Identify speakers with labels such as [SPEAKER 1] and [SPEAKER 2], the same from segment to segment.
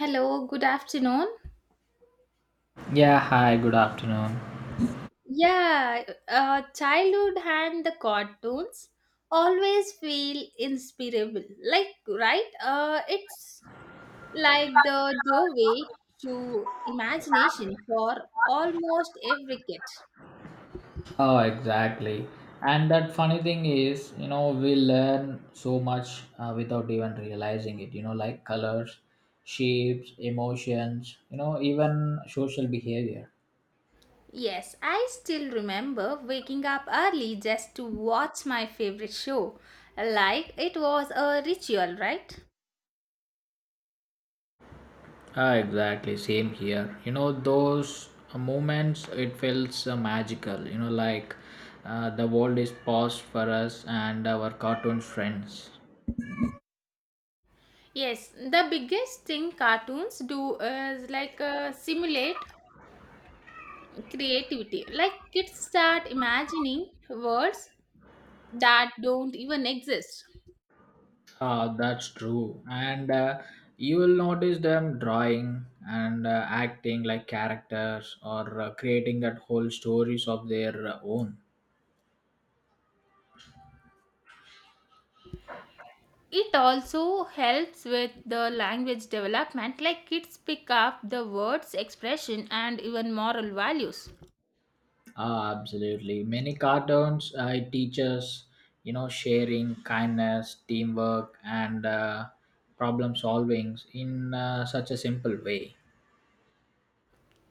[SPEAKER 1] Hello, good afternoon.
[SPEAKER 2] Yeah, hi, good afternoon.
[SPEAKER 1] Yeah, childhood and the cartoons always feel inspirable. Like, right? It's like the doorway to imagination for almost every kid.
[SPEAKER 2] Oh, exactly. And that funny thing is, we learn so much without even realizing it, like colors, shapes, emotions, even social behavior.
[SPEAKER 1] Yes, I still remember waking up early just to watch my favorite show. Like it was a ritual, right?
[SPEAKER 2] Ah, exactly. Same here. Those moments, it feels magical, like the world is paused for us and our cartoon friends.
[SPEAKER 1] Yes, the biggest thing cartoons do is like simulate creativity. Like kids start imagining words that don't even exist.
[SPEAKER 2] Ah, that's true. And you will notice them drawing and acting like characters or creating that whole stories of their own.
[SPEAKER 1] It also helps with the language development, like kids pick up the words, expression, and even moral values.
[SPEAKER 2] Ah, absolutely. Many cartoons it teaches, sharing, kindness, teamwork, and problem solving in such a simple way.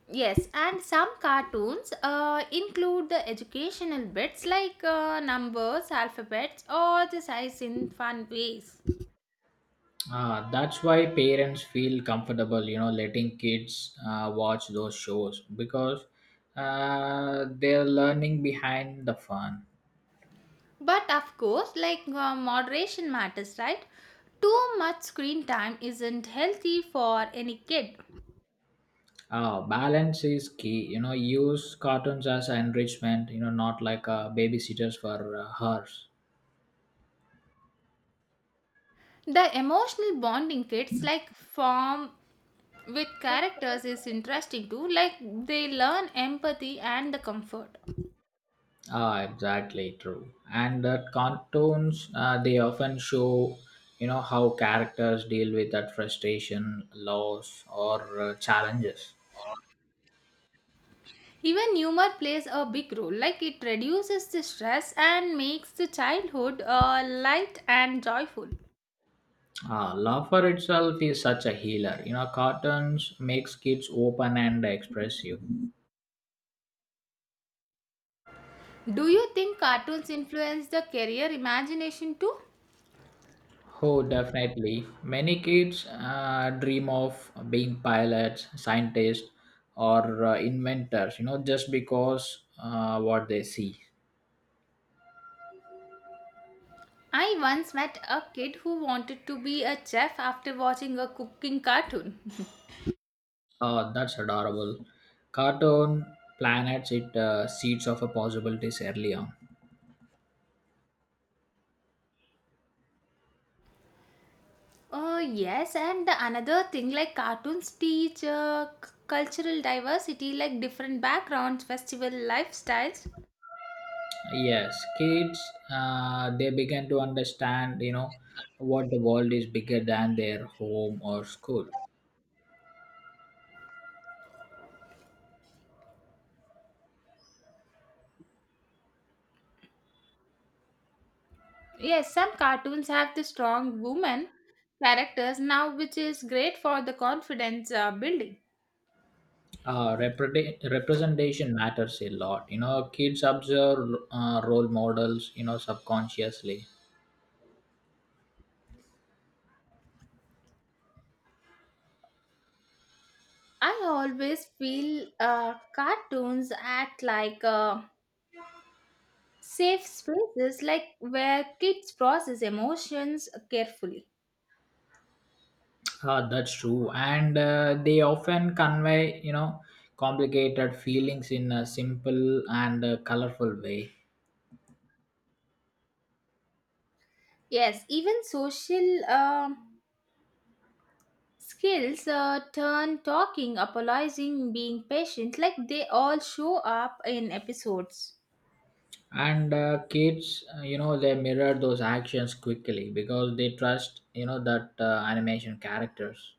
[SPEAKER 1] Yes, and some cartoons include the educational bits like numbers, alphabets, or the size in fun ways.
[SPEAKER 2] Ah, that's why parents feel comfortable, letting kids watch those shows because they're learning behind the fun.
[SPEAKER 1] But of course, like moderation matters, right? Too much screen time isn't healthy for any kid.
[SPEAKER 2] Balance is key, use cartoons as enrichment, not like babysitters for hers.
[SPEAKER 1] The emotional bonding kids like form with characters is interesting too, like they learn empathy and the comfort.
[SPEAKER 2] Ah, exactly true. And the cartoons, they often show, how characters deal with that frustration, loss, or challenges.
[SPEAKER 1] Even humor plays a big role, like it reduces the stress and makes the childhood light and joyful.
[SPEAKER 2] Ah, laughter itself is such a healer. Cartoons makes kids open and expressive.
[SPEAKER 1] Do you think cartoons influence the career imagination too?
[SPEAKER 2] Oh, definitely. Many kids dream of being pilots, scientists, or inventors. Just because what they see.
[SPEAKER 1] I once met a kid who wanted to be a chef after watching a cooking cartoon.
[SPEAKER 2] Oh, that's adorable. Cartoon planets it seeds of a possibilities early on.
[SPEAKER 1] Oh, yes, and the another thing like cartoons teach cultural diversity, like different backgrounds, festival lifestyles.
[SPEAKER 2] Yes, kids, they begin to understand, what the world is bigger than their home or school.
[SPEAKER 1] Yes, some cartoons have the strong woman characters now, which is great for the confidence building.
[SPEAKER 2] Representation matters a lot. Kids observe role models, subconsciously.
[SPEAKER 1] I always feel cartoons act like safe spaces like where kids process emotions carefully.
[SPEAKER 2] That's true. And they often convey, complicated feelings in a simple and colorful way.
[SPEAKER 1] Yes, even social skills turn talking, apologizing, being patient, like they all show up in episodes.
[SPEAKER 2] And kids they mirror those actions quickly because they trust that animation characters.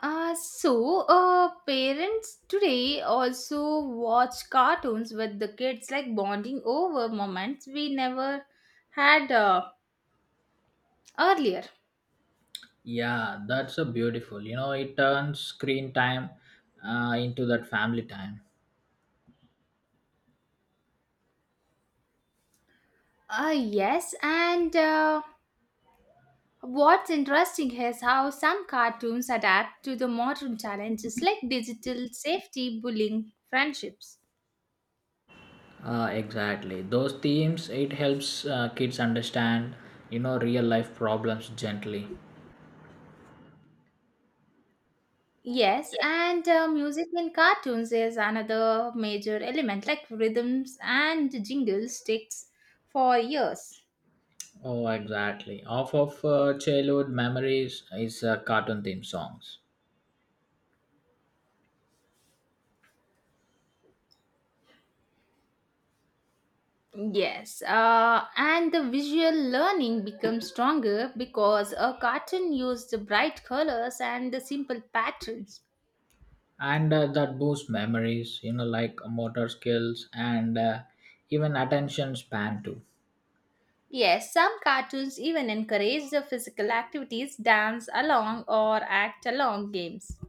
[SPEAKER 1] Parents today also watch cartoons with the kids, like bonding over moments we never had earlier.
[SPEAKER 2] Yeah, that's a beautiful, it turns screen time into that family time.
[SPEAKER 1] Yes, and what's interesting is how some cartoons adapt to the modern challenges like digital safety, bullying, friendships.
[SPEAKER 2] Exactly, those themes it helps kids understand real life problems gently.
[SPEAKER 1] Yes, and music in cartoons is another major element, like rhythms and jingles sticks for years.
[SPEAKER 2] Oh, exactly, off of childhood memories is cartoon theme songs.
[SPEAKER 1] Yes, and the visual learning becomes stronger because a cartoon used bright colors and the simple patterns.
[SPEAKER 2] And that boosts memories, like motor skills and even attention span too.
[SPEAKER 1] Yes, some cartoons even encourage the physical activities, dance along or act along games.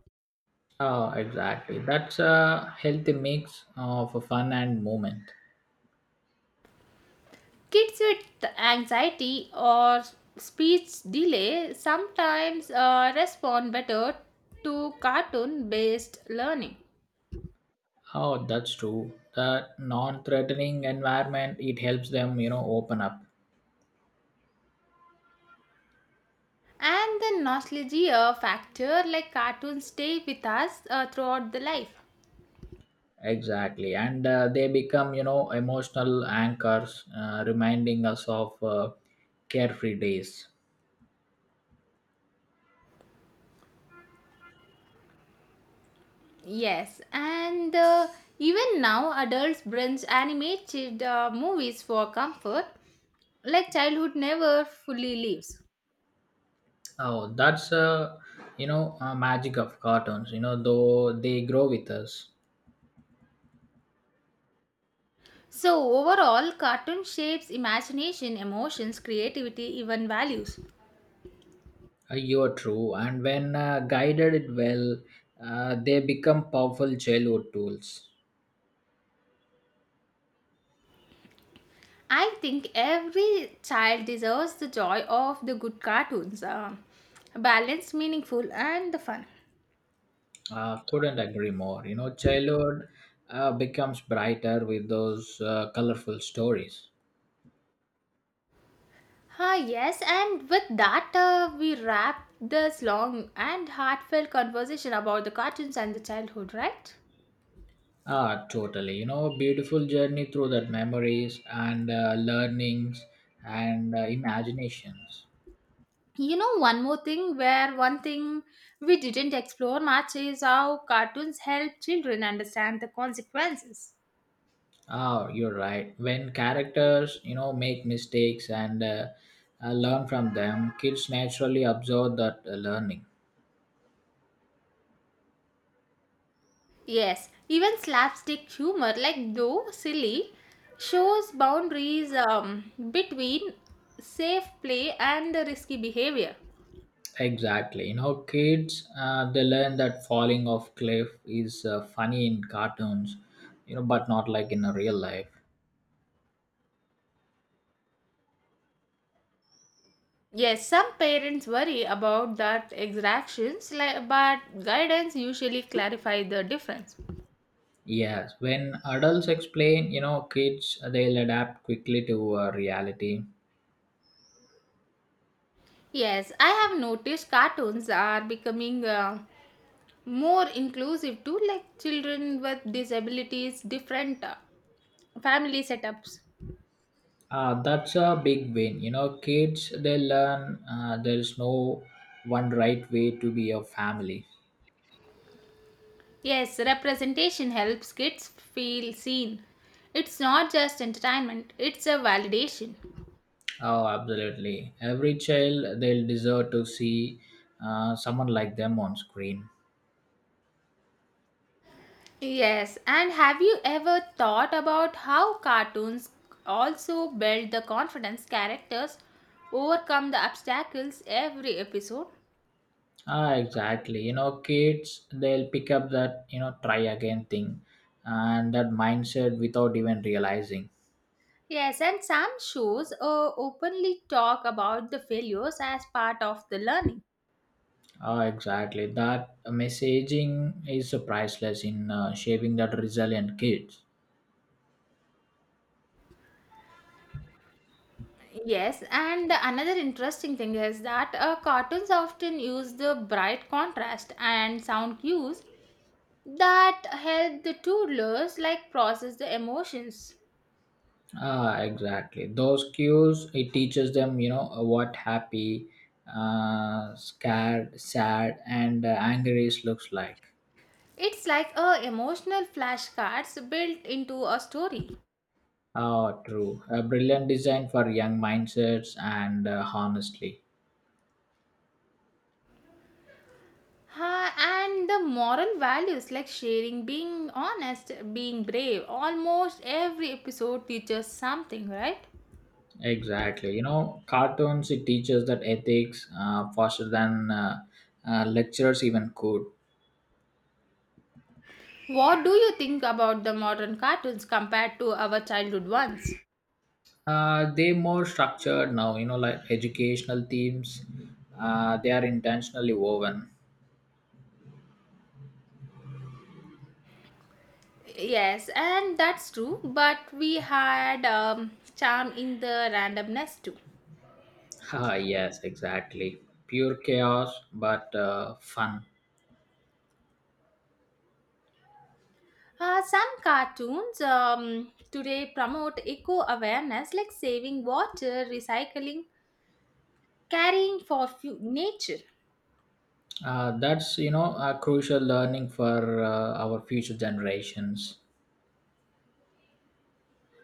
[SPEAKER 2] Oh, exactly, that's a healthy mix of fun and movement.
[SPEAKER 1] Kids with anxiety or speech delay sometimes respond better to cartoon based learning.
[SPEAKER 2] Oh, that's true. The non-threatening environment it helps them open up.
[SPEAKER 1] And the nostalgia factor like cartoons stay with us throughout the life.
[SPEAKER 2] Exactly, and they become emotional anchors, reminding us of carefree days.
[SPEAKER 1] Yes, and even now adults binge animated movies for comfort, like childhood never fully leaves.
[SPEAKER 2] Oh, that's magic of cartoons, though they grow with us.
[SPEAKER 1] So, overall, cartoon shapes imagination, emotions, creativity, even values.
[SPEAKER 2] You're true. And when guided it well, they become powerful childhood tools.
[SPEAKER 1] I think every child deserves the joy of the good cartoons, balanced, meaningful, and the fun.
[SPEAKER 2] Couldn't agree more. Childhood becomes brighter with those colorful stories.
[SPEAKER 1] Ah, yes, and with that, we wrap this long and heartfelt conversation about the cartoons and the childhood, right?
[SPEAKER 2] Ah, totally. Beautiful journey through that memories and learnings and imaginations.
[SPEAKER 1] You know, one thing we didn't explore much is how cartoons help children understand the consequences.
[SPEAKER 2] Ah, you're right. When characters, make mistakes and learn from them, kids naturally absorb that learning.
[SPEAKER 1] Yes, even slapstick humor, like though silly, shows boundaries between safe play and risky behavior.
[SPEAKER 2] Exactly. Kids, they learn that falling off cliff is funny in cartoons, but not like in a real life.
[SPEAKER 1] Yes, some parents worry about that exactions, but guidance usually clarify the difference.
[SPEAKER 2] Yes. When adults explain, kids, they'll adapt quickly to reality.
[SPEAKER 1] Yes, I have noticed cartoons are becoming more inclusive to like children with disabilities, different family setups.
[SPEAKER 2] That's a big win. Kids, they learn there's no one right way to be a family.
[SPEAKER 1] Yes, representation helps kids feel seen. It's not just entertainment; it's a validation.
[SPEAKER 2] Oh, absolutely. Every child, they'll deserve to see someone like them on screen.
[SPEAKER 1] Yes, and have you ever thought about how cartoons also build the confidence characters overcome the obstacles every episode?
[SPEAKER 2] Ah, exactly. Kids they'll pick up that try again thing, and that mindset without even realizing.
[SPEAKER 1] Yes, and some shows openly talk about the failures as part of the learning.
[SPEAKER 2] Ah, exactly. That messaging is so priceless in shaping that resilient kids.
[SPEAKER 1] Yes, and another interesting thing is that cartoons often use the bright contrast and sound cues that help the toddlers like process the emotions.
[SPEAKER 2] Ah, exactly. Those cues it teaches them, what happy, scared, sad, and angry is looks like.
[SPEAKER 1] It's like a emotional flashcards built into a story.
[SPEAKER 2] Ah, true. A brilliant design for young mindsets and honestly.
[SPEAKER 1] Ha, and the moral values like sharing, being honest, being brave. Almost every episode teaches something, right?
[SPEAKER 2] Exactly. Cartoons, it teaches that ethics faster than lecturers even could.
[SPEAKER 1] What do you think about the modern cartoons compared to our childhood ones?
[SPEAKER 2] They more structured now, like educational themes, they are intentionally woven.
[SPEAKER 1] Yes, and that's true, but we had charm in the randomness too.
[SPEAKER 2] Ah, yes, exactly. Pure chaos, but fun.
[SPEAKER 1] Some cartoons today promote eco awareness like saving water, recycling, carrying for nature.
[SPEAKER 2] That's a crucial learning for our future generations.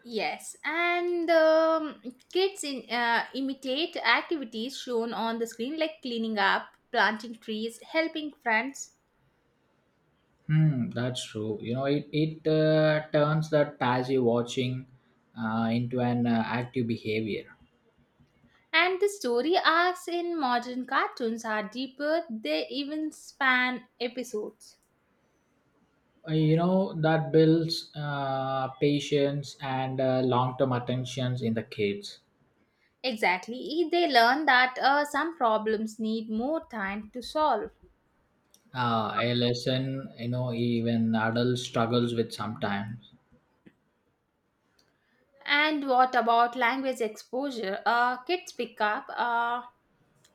[SPEAKER 1] Yes and kids imitate activities shown on the screen like cleaning up planting trees helping friends.
[SPEAKER 2] That's true. It turns that passive watching into an active behavior.
[SPEAKER 1] And the story arcs in modern cartoons are deeper, they even span episodes.
[SPEAKER 2] That builds patience and long-term attentions in the kids.
[SPEAKER 1] Exactly, they learn that some problems need more time to solve.
[SPEAKER 2] A lesson, even adults struggles with sometimes.
[SPEAKER 1] And what about language exposure, kids pick up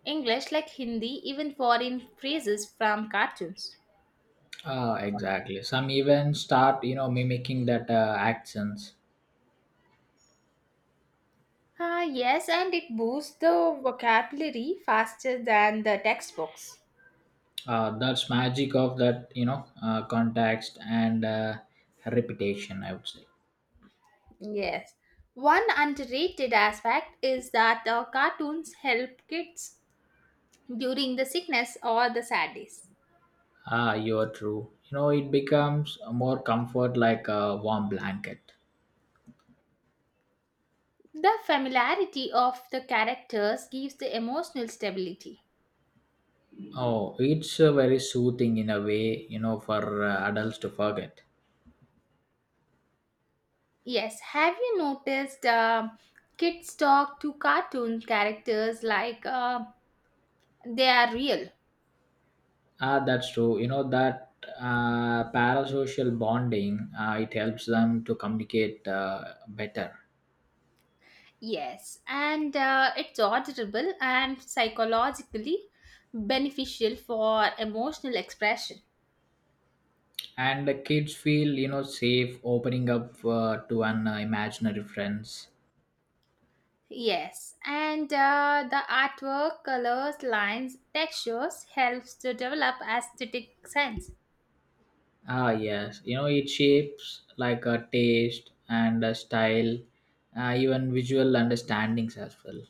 [SPEAKER 1] English like Hindi, even foreign phrases from cartoons.
[SPEAKER 2] Exactly. Some even start, mimicking that accents.
[SPEAKER 1] Ah, yes, and it boosts the vocabulary faster than the textbooks.
[SPEAKER 2] That's magic of that, context and reputation. I would say.
[SPEAKER 1] Yes. One underrated aspect is that the cartoons help kids during the sickness or the sad days.
[SPEAKER 2] Ah, you're true. It becomes more comfort like a warm blanket.
[SPEAKER 1] The familiarity of the characters gives the emotional stability.
[SPEAKER 2] Oh, it's very soothing in a way, for adults to forget.
[SPEAKER 1] Yes, have you noticed kids talk to cartoon characters like they are real?
[SPEAKER 2] Ah, that's true. That parasocial bonding, it helps them to communicate better.
[SPEAKER 1] Yes, and it's auditable and psychologically beneficial for emotional expression.
[SPEAKER 2] And the kids feel, safe opening up to an imaginary friends.
[SPEAKER 1] Yes, and the artwork, colors, lines, textures helps to develop aesthetic sense.
[SPEAKER 2] Ah, yes. It shapes like a taste and a style, even visual understandings as well.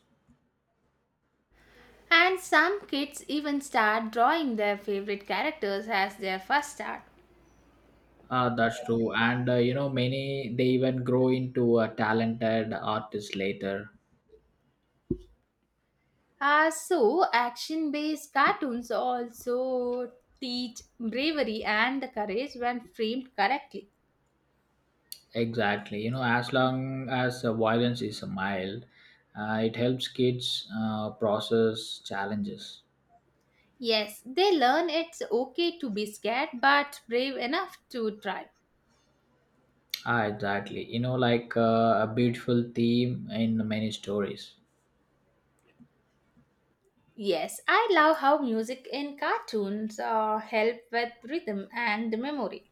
[SPEAKER 1] And some kids even start drawing their favorite characters as their first art.
[SPEAKER 2] Ah, that's true. And many they even grow into a talented artist later.
[SPEAKER 1] So, action based cartoons also teach bravery and the courage when framed correctly.
[SPEAKER 2] Exactly. As long as violence is mild, it helps kids process challenges.
[SPEAKER 1] Yes, they learn it's okay to be scared but brave enough to try.
[SPEAKER 2] Ah, exactly. Like a beautiful theme in many stories.
[SPEAKER 1] Yes, I love how music in cartoons help with rhythm and memory.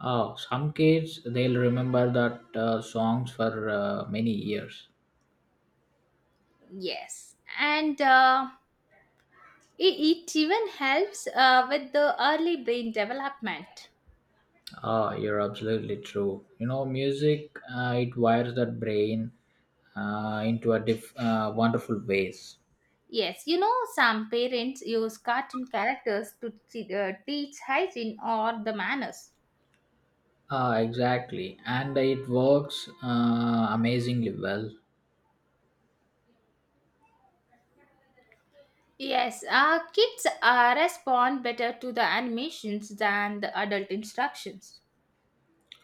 [SPEAKER 2] Some kids they'll remember that songs for many years.
[SPEAKER 1] Yes, and it even helps with the early brain development.
[SPEAKER 2] Ah, you're absolutely true. Music it wires that brain into a wonderful ways.
[SPEAKER 1] Yes, you know, some parents use cartoon characters to teach hygiene or the manners.
[SPEAKER 2] Ah, exactly, and it works amazingly well.
[SPEAKER 1] Yes, kids respond better to the animations than the adult instructions.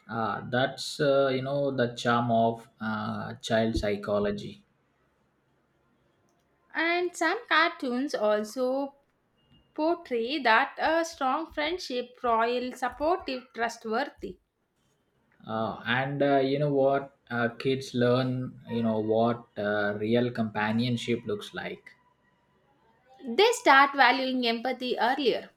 [SPEAKER 2] Ah, that's the charm of child psychology.
[SPEAKER 1] And some cartoons also portray that a strong friendship, loyal, supportive, trustworthy.
[SPEAKER 2] And You know what? Kids learn, what real companionship looks like.
[SPEAKER 1] They start valuing empathy earlier.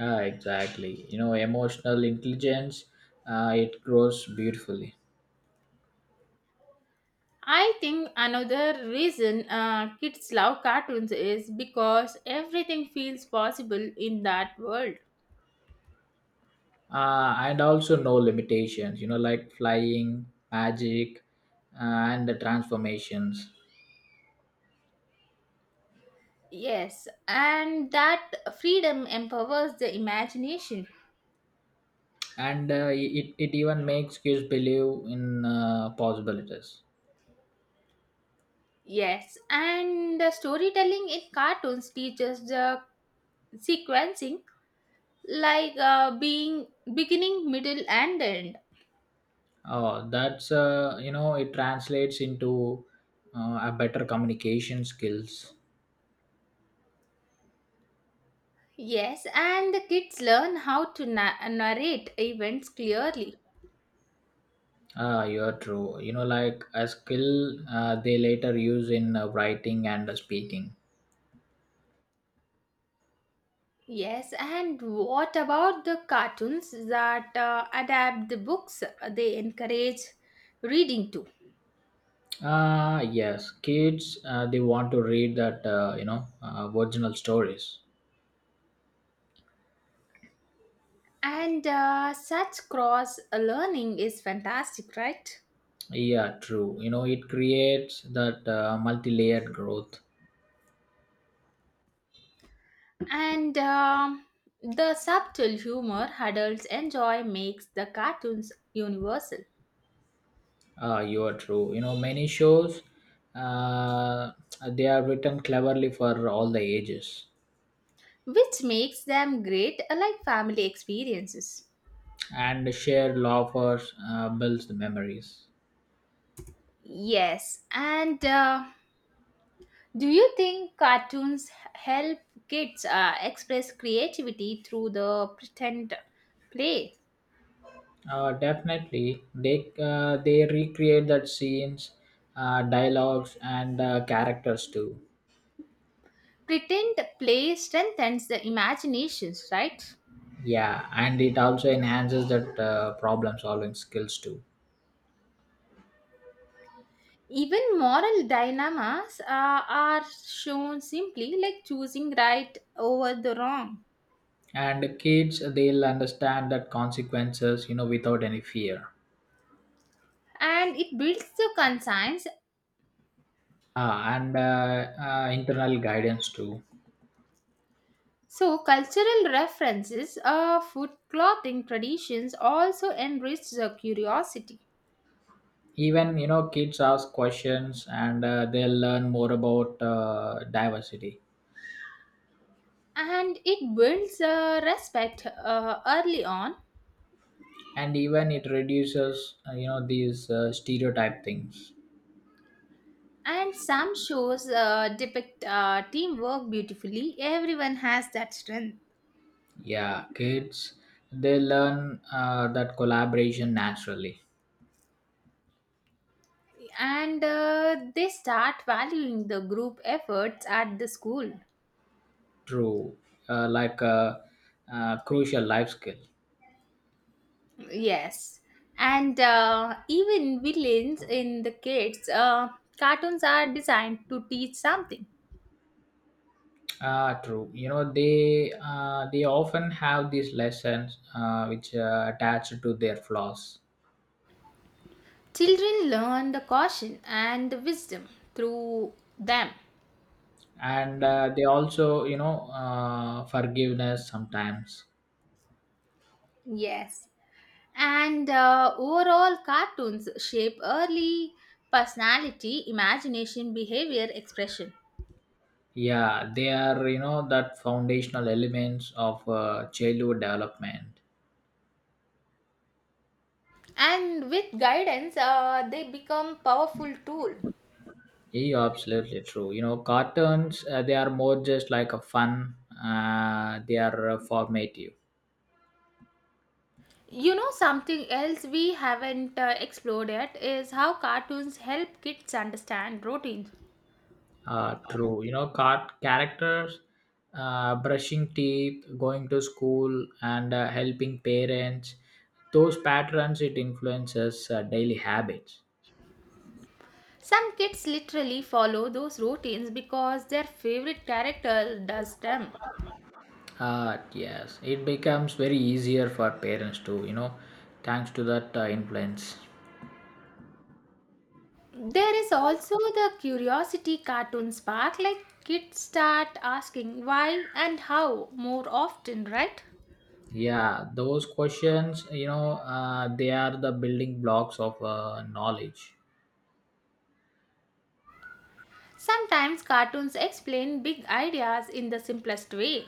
[SPEAKER 2] Ah, exactly. Emotional intelligence, it grows beautifully.
[SPEAKER 1] I think another reason kids love cartoons is because everything feels possible in that world.
[SPEAKER 2] And also no limitations, like flying, magic, and the transformations.
[SPEAKER 1] Yes, and that freedom empowers the imagination.
[SPEAKER 2] And it even makes kids believe in possibilities.
[SPEAKER 1] Yes, and the storytelling in cartoons teaches the sequencing like being beginning middle and end.
[SPEAKER 2] Oh, that's, it translates into a better communication skills.
[SPEAKER 1] Yes and the kids learn how to narrate events clearly.
[SPEAKER 2] Ah, you're true. Like a skill they later use in writing and speaking.
[SPEAKER 1] Yes and what about the cartoons that adapt the books, they encourage reading too.
[SPEAKER 2] Ah, yes, kids they want to read that original stories.
[SPEAKER 1] And such cross learning is fantastic, right?
[SPEAKER 2] Yeah, true. It creates that multi-layered growth.
[SPEAKER 1] And the subtle humor adults enjoy makes the cartoons universal,
[SPEAKER 2] Ah, you are true. Many shows uh, they are written cleverly for all the ages,
[SPEAKER 1] which makes them great like family experiences.
[SPEAKER 2] and shared laughers builds the memories.
[SPEAKER 1] Yes, and do you think cartoons help kids express creativity through the pretend play?
[SPEAKER 2] Definitely, they recreate that scenes, dialogues, and characters too.
[SPEAKER 1] Pretend play strengthens the imaginations, right?
[SPEAKER 2] Yeah, and it also enhances that problem solving skills too.
[SPEAKER 1] Even moral dilemmas are shown simply like choosing right over the wrong.
[SPEAKER 2] And the kids they'll understand that consequences without any fear.
[SPEAKER 1] And it builds the conscience.
[SPEAKER 2] Ah, and internal guidance too.
[SPEAKER 1] So, cultural references, food, clothing traditions also enrich the curiosity,
[SPEAKER 2] Even kids ask questions and they'll learn more about diversity.
[SPEAKER 1] and it builds respect early on.
[SPEAKER 2] And even it reduces these stereotype things.
[SPEAKER 1] And some shows depict teamwork beautifully. Everyone has that strength,
[SPEAKER 2] Yeah, kids they learn that collaboration naturally.
[SPEAKER 1] and they start valuing the group efforts at the school.
[SPEAKER 2] True, like a crucial life skill.
[SPEAKER 1] Yes, and even villains in the kids' cartoons are designed to teach something.
[SPEAKER 2] Ah, true. They often have these lessons which attached to their flaws,
[SPEAKER 1] Children learn the caution and the wisdom through them.
[SPEAKER 2] and they also forgiveness sometimes.
[SPEAKER 1] Yes. And overall, cartoons shape early personality, imagination, behavior, expression.
[SPEAKER 2] Yeah, they are that foundational elements of childhood development.
[SPEAKER 1] And with guidance, they become powerful tool.
[SPEAKER 2] Yeah, absolutely true. Cartoons they are more just like a fun. They are formative.
[SPEAKER 1] You know something else we haven't explored yet is how cartoons help kids understand routines.
[SPEAKER 2] True. Characters, brushing teeth, going to school, and helping parents. Those patterns it influences daily habits.
[SPEAKER 1] Some kids literally follow those routines because their favorite character does them.
[SPEAKER 2] Yes, it becomes very easier for parents to thanks to that influence.
[SPEAKER 1] There is also the curiosity cartoon spark, like kids start asking why and how more often, right?
[SPEAKER 2] Yeah, those questions, they are the building blocks of knowledge,
[SPEAKER 1] Sometimes cartoons explain big ideas in the simplest way.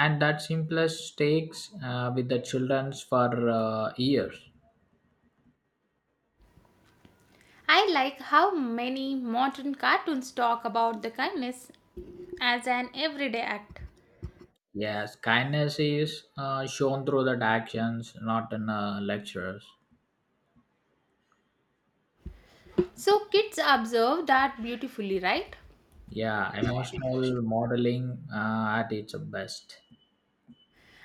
[SPEAKER 2] and that simplest takes with the childrens for years.
[SPEAKER 1] I like how many modern cartoons talk about the kindness as an everyday act.
[SPEAKER 2] Yes, kindness is shown through that actions, not in lectures.
[SPEAKER 1] So kids observe that beautifully, right?
[SPEAKER 2] Yeah, emotional modeling at its best.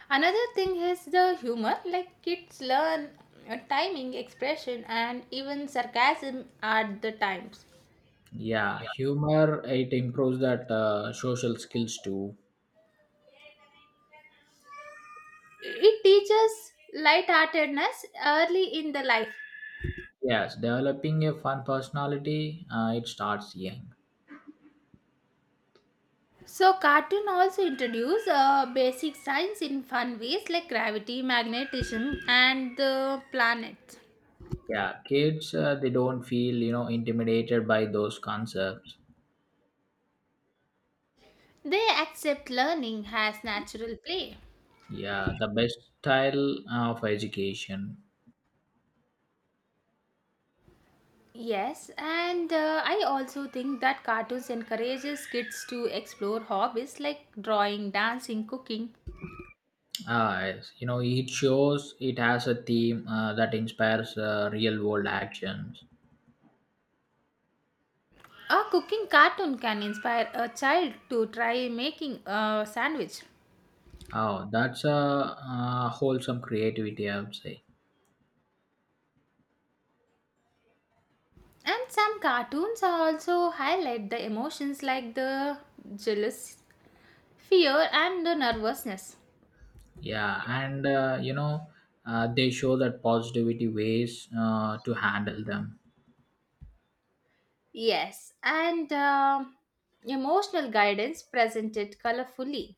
[SPEAKER 1] Another thing is the humor, like kids learn timing, expression, and even sarcasm at the times.
[SPEAKER 2] Yeah, humor it improves that social skills too.
[SPEAKER 1] It teaches light-heartedness early in the life.
[SPEAKER 2] Yes, developing a fun personality it starts young.
[SPEAKER 1] So cartoon also introduce basic science in fun ways like gravity, magnetism, and the planets.
[SPEAKER 2] Yeah, kids they don't feel intimidated by those concepts.
[SPEAKER 1] They accept learning as natural play.
[SPEAKER 2] Yeah, the best style of education.
[SPEAKER 1] Yes, and I also think that cartoons encourages kids to explore hobbies like drawing, dancing, cooking.
[SPEAKER 2] Ah, yes. It shows it has a theme that inspires real world actions.
[SPEAKER 1] A cooking cartoon can inspire a child to try making a sandwich.
[SPEAKER 2] Oh, that's wholesome creativity, I would say.
[SPEAKER 1] And some cartoons also highlight the emotions like the jealous, fear, and the nervousness.
[SPEAKER 2] Yeah, and they show that positivity ways to handle them.
[SPEAKER 1] Yes, and emotional guidance presented colorfully.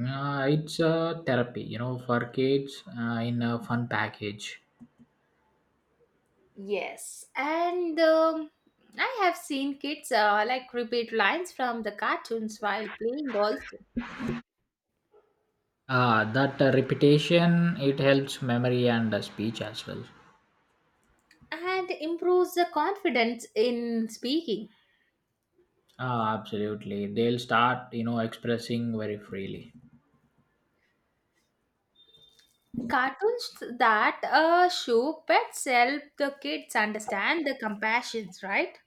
[SPEAKER 2] It's a therapy, for kids in a fun package.
[SPEAKER 1] Yes, and I have seen kids like repeat lines from the cartoons while playing also,
[SPEAKER 2] That repetition it helps memory and speech as well.
[SPEAKER 1] and improves the confidence in speaking.
[SPEAKER 2] Ah, absolutely. They'll start, expressing very freely.
[SPEAKER 1] Cartoons that show pets help the kids understand the compassions, right?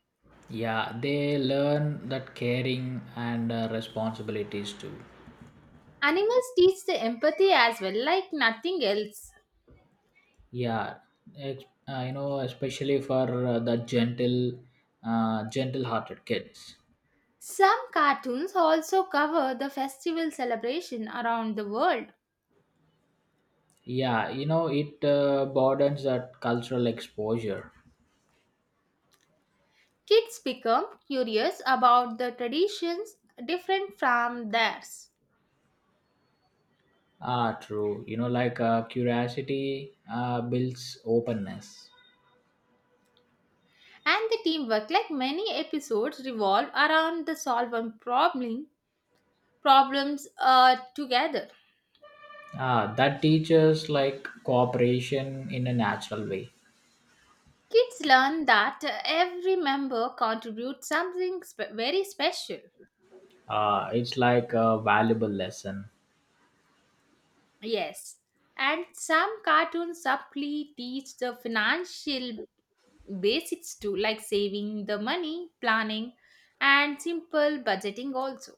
[SPEAKER 2] Yeah, they learn that caring and responsibilities too.
[SPEAKER 1] Animals teach the empathy as well, like nothing else.
[SPEAKER 2] Yeah, especially for the gentle, gentle-hearted kids.
[SPEAKER 1] Some cartoons also cover the festival celebration around the world.
[SPEAKER 2] Yeah, it broadens that cultural exposure.
[SPEAKER 1] Kids become curious about the traditions different from theirs.
[SPEAKER 2] Ah, true. Like curiosity builds openness.
[SPEAKER 1] And the teamwork, like many episodes, revolve around the solving problem problems together.
[SPEAKER 2] Ah, that teaches like cooperation in a natural way.
[SPEAKER 1] Kids learn that every member contributes something very special.
[SPEAKER 2] It's like a valuable lesson.
[SPEAKER 1] Yes, and some cartoons subtly teach the financial basics too, like saving the money, planning, and simple budgeting also.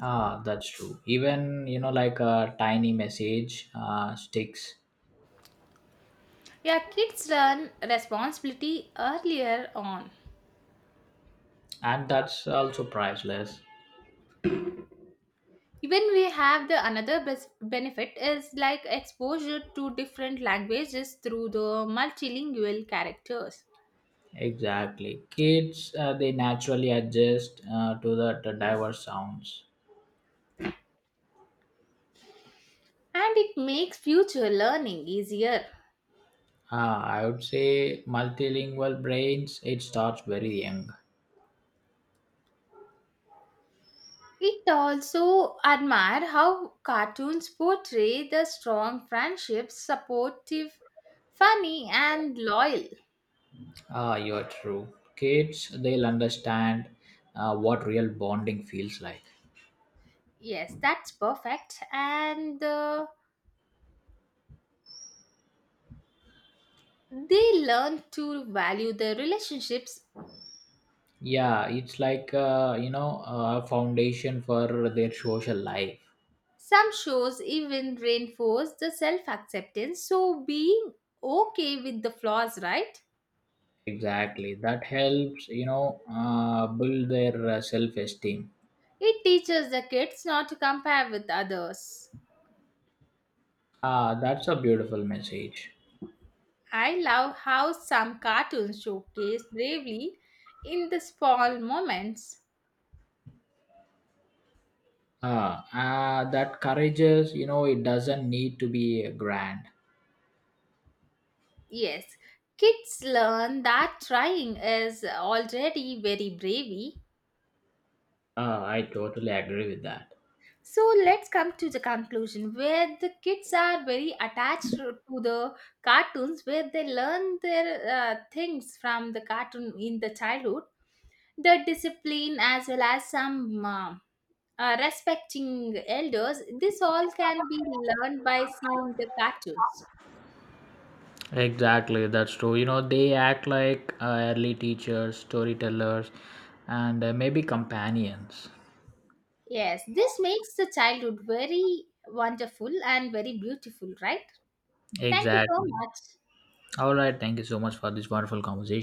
[SPEAKER 2] Ah, that's true. Even, like a tiny message sticks,
[SPEAKER 1] Yeah, kids learn responsibility earlier on.
[SPEAKER 2] and that's also priceless.
[SPEAKER 1] Even we have the another benefit is like exposure to different languages through the multilingual characters,
[SPEAKER 2] Exactly. Kids, they naturally adjust to the diverse sounds.
[SPEAKER 1] and it makes future learning easier.
[SPEAKER 2] Ah, I would say multilingual brains, it starts very young.
[SPEAKER 1] It also admire how cartoons portray the strong friendships, supportive, funny, and loyal.
[SPEAKER 2] Ah, you're true. Kids, they'll understand what real bonding feels like.
[SPEAKER 1] Yes, that's perfect. And they learn to value their relationships.
[SPEAKER 2] Yeah, it's like a foundation for their social life.
[SPEAKER 1] Some shows even reinforce the self acceptance, so being okay with the flaws, right?
[SPEAKER 2] Exactly. That helps, build their self esteem.
[SPEAKER 1] It teaches the kids not to compare with others.
[SPEAKER 2] Ah, that's a beautiful message.
[SPEAKER 1] I love how some cartoons showcase bravery in the small moments.
[SPEAKER 2] Ah, that courage is, it doesn't need to be grand.
[SPEAKER 1] Yes, kids learn that trying is already very brave.
[SPEAKER 2] Ah, I totally agree with that.
[SPEAKER 1] So let's come to the conclusion where the kids are very attached to the cartoons where they learn their things from the cartoon in the childhood, the discipline as well as some respecting elders, this all can be learned by seeing the cartoons.
[SPEAKER 2] Exactly, that's true. They act like early teachers, storytellers, and maybe companions.
[SPEAKER 1] Yes, this makes the childhood very wonderful and very beautiful, right? Thank you so
[SPEAKER 2] Exactly.
[SPEAKER 1] much.
[SPEAKER 2] All right. Thank you so much for this wonderful conversation.